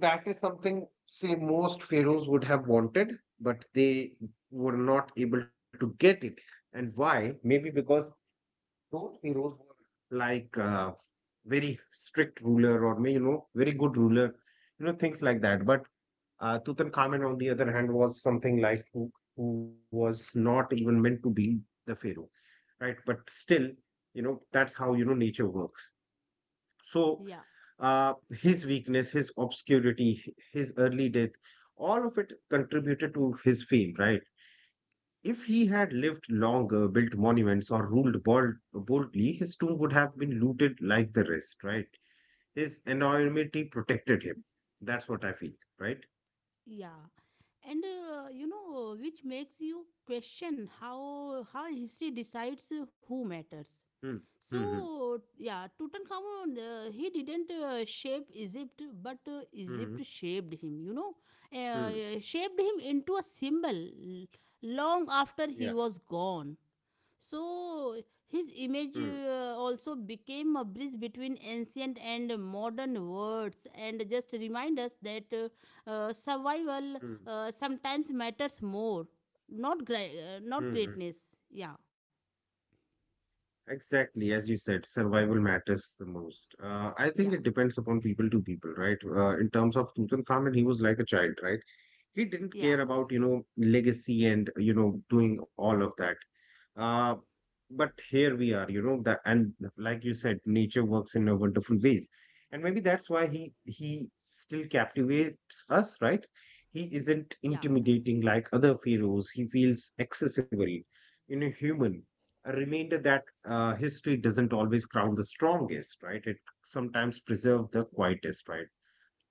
Speaker 2: that is something, say, most pharaohs would have wanted, but they were not able to get it. And why? Maybe because those pharaohs were like, very strict ruler, or may, very good ruler, things like that. But Tutankhamen, on the other hand, was something like who was not even meant to be the pharaoh, right? But still, that's how, nature works. So
Speaker 1: Yeah,
Speaker 2: uh, his weakness, his obscurity, his early death, all of it contributed to his fame, right? If he had lived longer, built monuments, or ruled boldly, his tomb would have been looted like the rest, right? His anonymity protected him. That's what I feel, right?
Speaker 1: yeah, and you know, which makes you question how history decides who matters.
Speaker 2: Hmm. Hmm.
Speaker 1: So,
Speaker 2: Hmm.
Speaker 1: yeah, Tutankhamun, he didn't shape Egypt, but
Speaker 2: Hmm.
Speaker 1: Egypt shaped him, you know,
Speaker 2: Hmm.
Speaker 1: shaped him into a symbol long
Speaker 2: Yeah.
Speaker 1: after he was gone. So,
Speaker 2: Hmm.
Speaker 1: his image also became a bridge between ancient and modern words and just remind us that
Speaker 2: Hmm.
Speaker 1: survival sometimes matters more,
Speaker 2: Hmm.
Speaker 1: not greatness. Yeah,
Speaker 2: Exactly, as you said, survival matters the most. I think it
Speaker 1: yeah,
Speaker 2: depends upon people to people, right? In terms of Tutankhamun, he was like a child, right? He didn't care
Speaker 1: yeah,
Speaker 2: about, legacy and, doing all of that. uh but here we are, that, and like you said, nature works in a wonderful ways. And maybe that's why he still captivates us, right? He isn't
Speaker 1: yeah, yeah.
Speaker 2: intimidating like other pharaohs, he feels accessible. Human, a reminder that, history doesn't always crown the strongest, right? It sometimes preserves the quietest, right?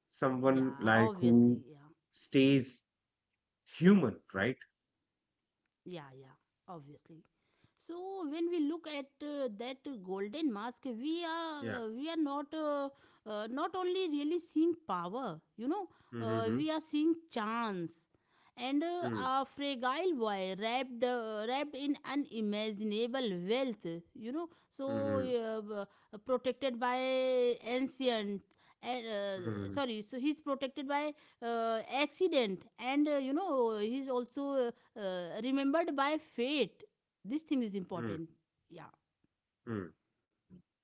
Speaker 2: Someone
Speaker 1: Yeah,
Speaker 2: like who
Speaker 1: obviously, yeah.
Speaker 2: stays human, right?
Speaker 1: Yeah, yeah, obviously. So when we look at that golden mask,
Speaker 2: Yeah.
Speaker 1: we are not not only really seeing power, you know,
Speaker 2: Mm-hmm.
Speaker 1: we are seeing chance and
Speaker 2: Mm-hmm.
Speaker 1: a fragile boy wrapped wrapped in unimaginable wealth, you know, so
Speaker 2: Mm-hmm.
Speaker 1: protected by ancient. And, sorry, so he's protected by accident, and you know he's also remembered by fate. This thing is
Speaker 2: Mm-hmm.
Speaker 1: important. Yeah,
Speaker 2: Mm-hmm.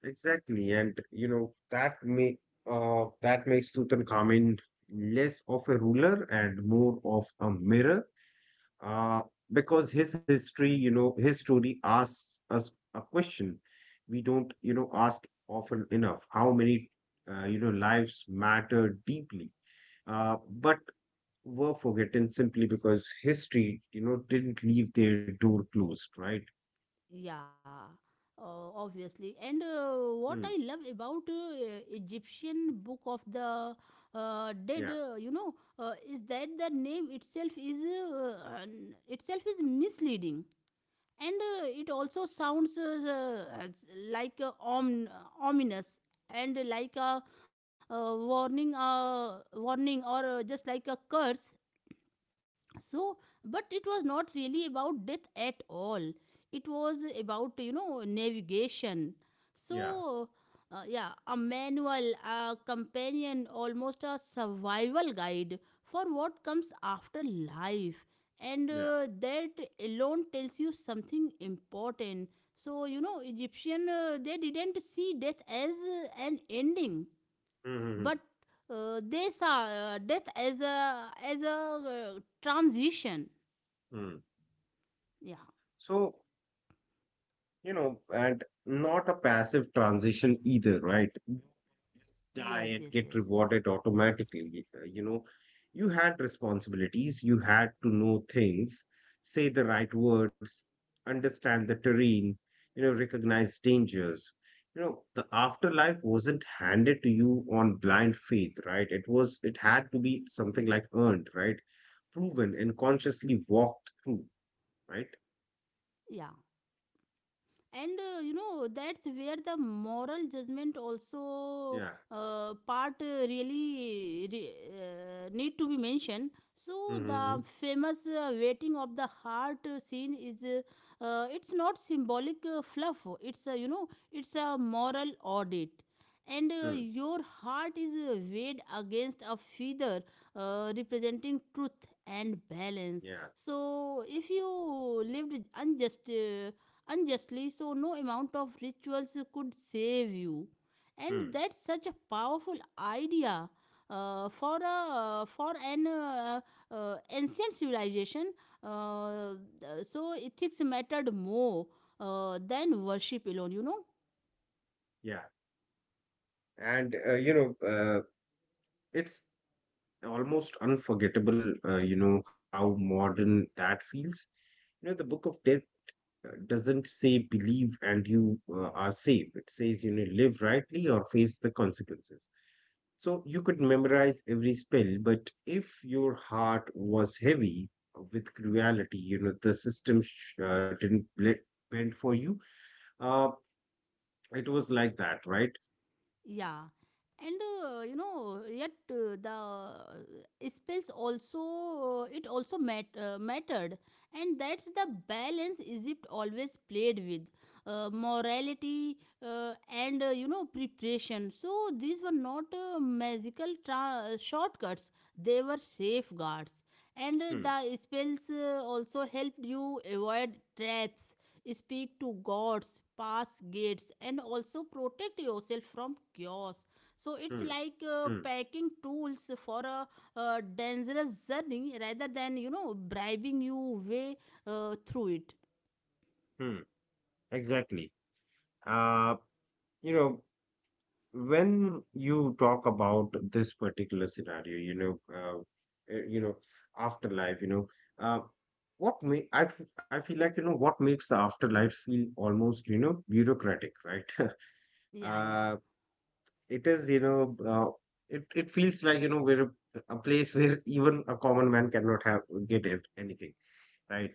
Speaker 2: Exactly, and that makes Tutankhamun less of a ruler and more of a mirror, uh, because his history, his story asks us a question we don't, ask often enough. How many, lives matter deeply? But were forgotten simply because history, didn't leave their door closed, right?
Speaker 1: yeah, obviously. And what I
Speaker 2: Hmm.
Speaker 1: love about Egyptian Book of the Dead,
Speaker 2: Yeah,
Speaker 1: you know, is that the name itself is itself is misleading. And it also sounds like ominous and like a warning, or just like a curse. So but it was not really about death at all, it was about, you know, navigation.
Speaker 2: yeah,
Speaker 1: So yeah, a manual, a companion, almost a survival guide for what comes after life. And
Speaker 2: yeah.
Speaker 1: that alone tells you something important. So you know Egyptian, they didn't see death as an ending,
Speaker 2: Mm-hmm.
Speaker 1: but they saw death as a transition.
Speaker 2: Hmm.
Speaker 1: Yeah.
Speaker 2: So, and not a passive transition either, right? Die
Speaker 1: Yes,
Speaker 2: and
Speaker 1: yes,
Speaker 2: get
Speaker 1: yes.
Speaker 2: rewarded automatically. You had responsibilities, you had to know things, say the right words, understand the terrain, recognize dangers. The afterlife wasn't handed to you on blind faith, right? It had to be something like earned, right? Proven and consciously walked through, right?
Speaker 1: Yeah, and you know, that's where the moral judgment also
Speaker 2: Yeah.
Speaker 1: part really need to be mentioned. So
Speaker 2: Mm-hmm, mm-hmm.
Speaker 1: the famous waiting of the heart scene is it's not symbolic fluff, it's a you know it's a moral audit. And
Speaker 2: Hmm.
Speaker 1: your heart is weighed against a feather representing truth and balance.
Speaker 2: Yeah.
Speaker 1: So if you lived unjustly, so no amount of rituals could save you.
Speaker 2: Hmm.
Speaker 1: And that's such a powerful idea. For an ancient civilization, uh, so ethics mattered more than worship alone, you know.
Speaker 2: Yeah. And, it's almost unforgettable, how modern that feels. The Book of Death doesn't say, "Believe and you are safe." It says, "Live rightly or face the consequences." So you could memorize every spell, but if your heart was heavy with cruelty, the system didn't bend for you. Uh, it was like that, right?
Speaker 1: Yeah, and you know, yet the spells also mattered, and that's the balance Egypt always played with, morality and you know preparation. So these were not shortcuts; they were
Speaker 2: Hmm,
Speaker 1: safeguards, and the spells also helped you avoid traps, speak to gods, pass gates, and also protect yourself from chaos. So
Speaker 2: hmm,
Speaker 1: it's like
Speaker 2: hmm,
Speaker 1: packing tools for a dangerous journey rather than you know bribing you way through it.
Speaker 2: hmm. Exactly. Uh, you know, when you talk about this particular scenario, afterlife, uh, what may I feel like, what makes the afterlife feel almost, bureaucratic, right?
Speaker 1: Yeah, yeah,
Speaker 2: uh, it is, it feels like, we're a place where even a common man cannot have get it, anything, right?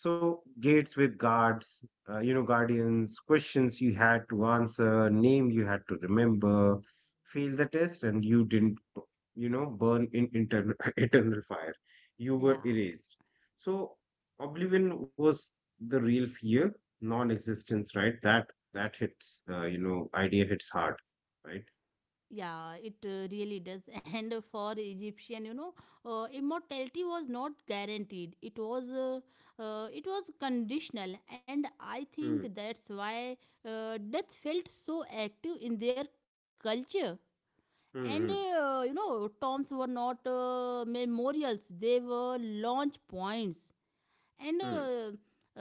Speaker 2: So gates with guards, guardians, questions you had to answer, name you had to remember, fail the test, and you didn't, burn in internal eternal fire. You were
Speaker 1: yeah.
Speaker 2: erased. So oblivion was the real fear, non-existence, right? That idea hits hard, right?
Speaker 1: Yeah, it really does. And for Egyptian, you know, immortality was not guaranteed. It was conditional, and I
Speaker 2: Hmm,
Speaker 1: think that's why death felt so active in their culture. And
Speaker 2: hmm, hmm,
Speaker 1: you know, tombs were not memorials; they were launch points and uh,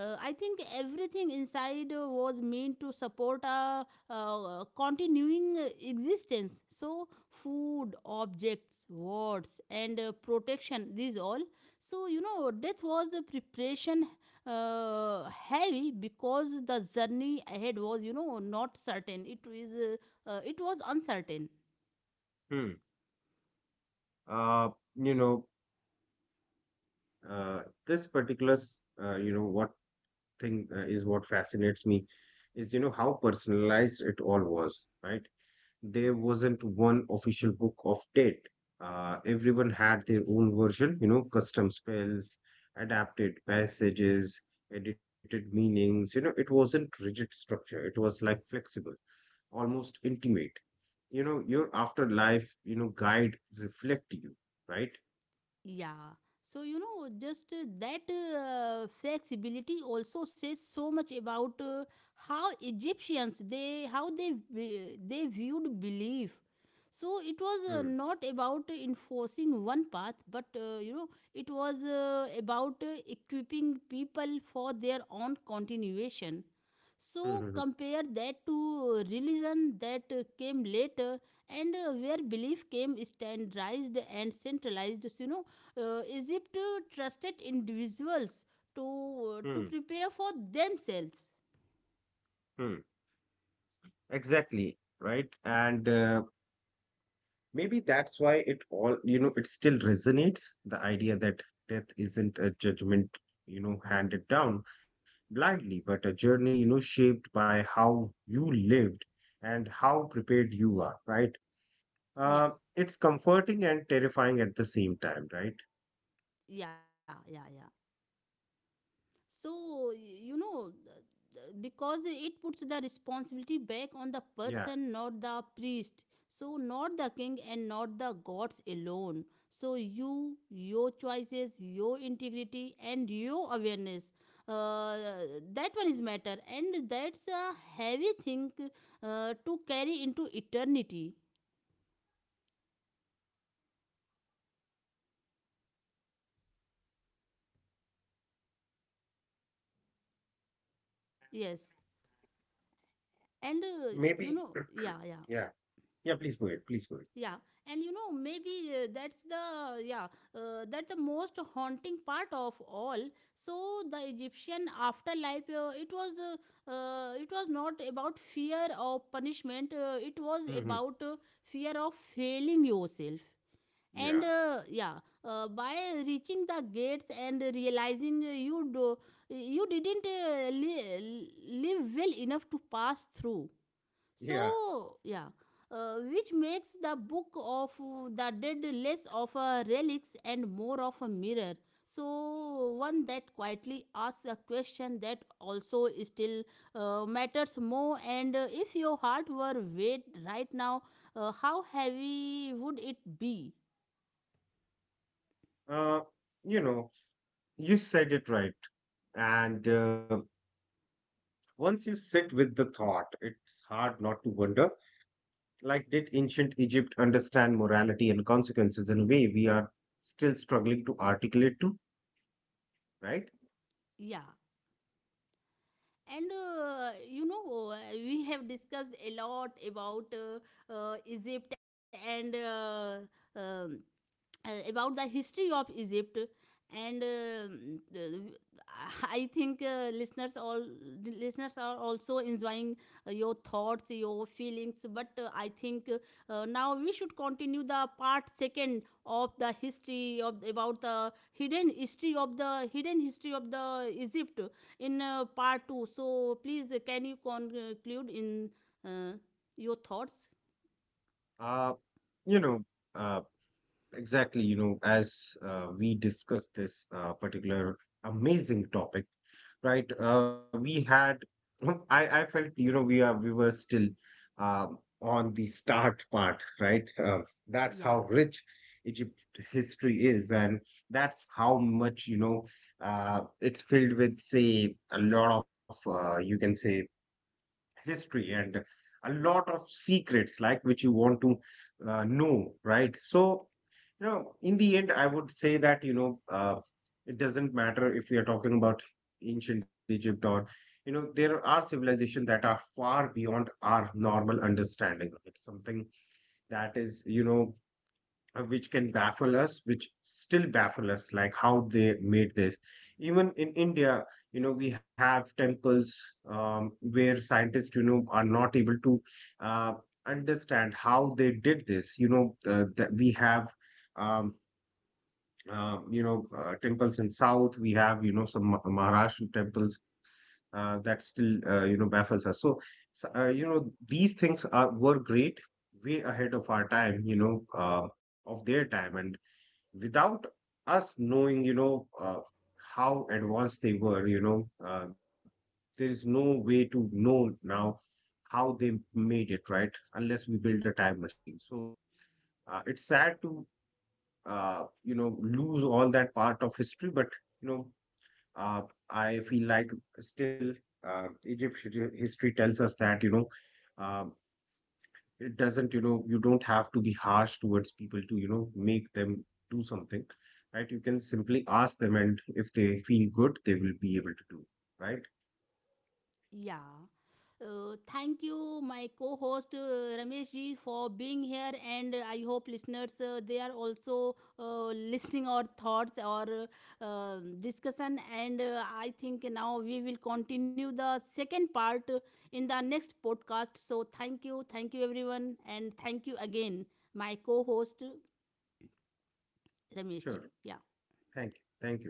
Speaker 1: uh, I think everything inside was meant to support a continuing existence. So food, objects, words and protection, these all. So you know death was a preparation, uh, heavy because the journey ahead was, you know, not certain, it is it was uncertain.
Speaker 2: hmm, hmm. Uh, you know, uh, this particular s- you know what thing, is what fascinates me, is, how personalized it all was, right? There wasn't one official book of date. Everyone had their own version, custom spells, adapted passages, edited meanings. It wasn't rigid structure, it was like flexible, almost intimate. Your afterlife, guide reflect you, right?
Speaker 1: Yeah. So, you know, just that flexibility also says so much about how Egyptians they how they vi- they viewed belief. So it
Speaker 2: Hmm.
Speaker 1: was not about enforcing one path, but you know it was about equipping people for their own continuation.
Speaker 2: Hmm.
Speaker 1: So
Speaker 2: Hmm.
Speaker 1: compare that to religion that came later and where belief came standardized and centralized. You know Egypt trusted individuals
Speaker 2: Hmm.
Speaker 1: to
Speaker 2: Hmm,
Speaker 1: prepare for themselves.
Speaker 2: hmm. Exactly, right? And Maybe that's why it all, you know, it still resonates the idea that death isn't a judgment, handed down blindly, but a journey, shaped by how you lived and how prepared you are, right? Uh,
Speaker 1: Yeah,
Speaker 2: it's comforting and terrifying at the same time, right?
Speaker 1: yeah, yeah, yeah. So you know, because it puts the responsibility back on the
Speaker 2: Yeah.
Speaker 1: person, not the priest. So not the king and not the gods alone. So you, your choices, your integrity, and your awareness. Uh, that one is matter, and that's a heavy thing to carry into eternity.
Speaker 2: Yeah.
Speaker 1: Yes, and
Speaker 2: Maybe,
Speaker 1: you know, yeah, yeah,
Speaker 2: yeah. Yeah, please go ahead. Please go
Speaker 1: yeah, and you know, maybe that's the yeah, that the most haunting part of all. So the Egyptian afterlife, it was not about fear of punishment. It was
Speaker 2: ahead. Hmm.
Speaker 1: about fear of failing yourself.
Speaker 2: Yeah.
Speaker 1: And yeah, by reaching the gates and realizing you didn't live well enough to pass through.
Speaker 2: Yeah.
Speaker 1: So, yeah, which makes the book of the dead less of a relics and more of a mirror. So, one that quietly asks a question that also still matters more. And if your heart were weight right now, how heavy would it be?
Speaker 2: Uh, you know, you said it right. And, once you sit with the thought, it's hard not to wonder, like, did ancient Egypt understand morality and consequences in a way we are still struggling to articulate to, right?
Speaker 1: Yeah. And you know, we have discussed a lot about Egypt and um, about the history of Egypt. And I think listeners all the listeners are also enjoying your thoughts, your feelings. But I think now we should continue the part second of the history of about the hidden history of the Egypt in part 2. So please can you conclude in uh, your thoughts.
Speaker 2: Uh, you know, uh, Exactly, as we discuss this particular amazing topic, right? We had, I felt, we were still, on the start part, right? That's how
Speaker 1: Yeah,
Speaker 2: rich Egypt history is, and that's how much, it's filled with, say, a lot of, you can say, history and a lot of secrets like which you want to know, right? So, in the end, I would say that, it doesn't matter if we are talking about ancient Egypt or, there are civilizations that are far beyond our normal understanding. It's something that is, which can baffle us, which still baffle us, like how they made this. Even in India, we have temples, where scientists, are not able to uh, understand how they did this. That we have. Um, Temples in South, we have, some Maharashtra temples that still, baffles us. So, these things are were great, way ahead of our time, of their time. And without us knowing, how advanced they were, there is no way to know now how they made it, right? Unless we build a time machine. So it's sad to, lose all that part of history, but, you know, uh, I feel like, still, Egypt history tells us that, uh, it doesn't you don't have to be harsh towards people to, make them do something, right? You can simply ask them, and if they feel good, they will be able to do, right?
Speaker 1: yeah, thank you my co-host, Ramesh ji, for being here, and I hope listeners they are also listening our thoughts or uh, discussion. And I think now we will continue the second part in the next podcast. So thank you, thank you everyone, and thank you again, my co-host Ramesh
Speaker 2: Sure.
Speaker 1: ji. Yeah.
Speaker 2: Thank you, thank you.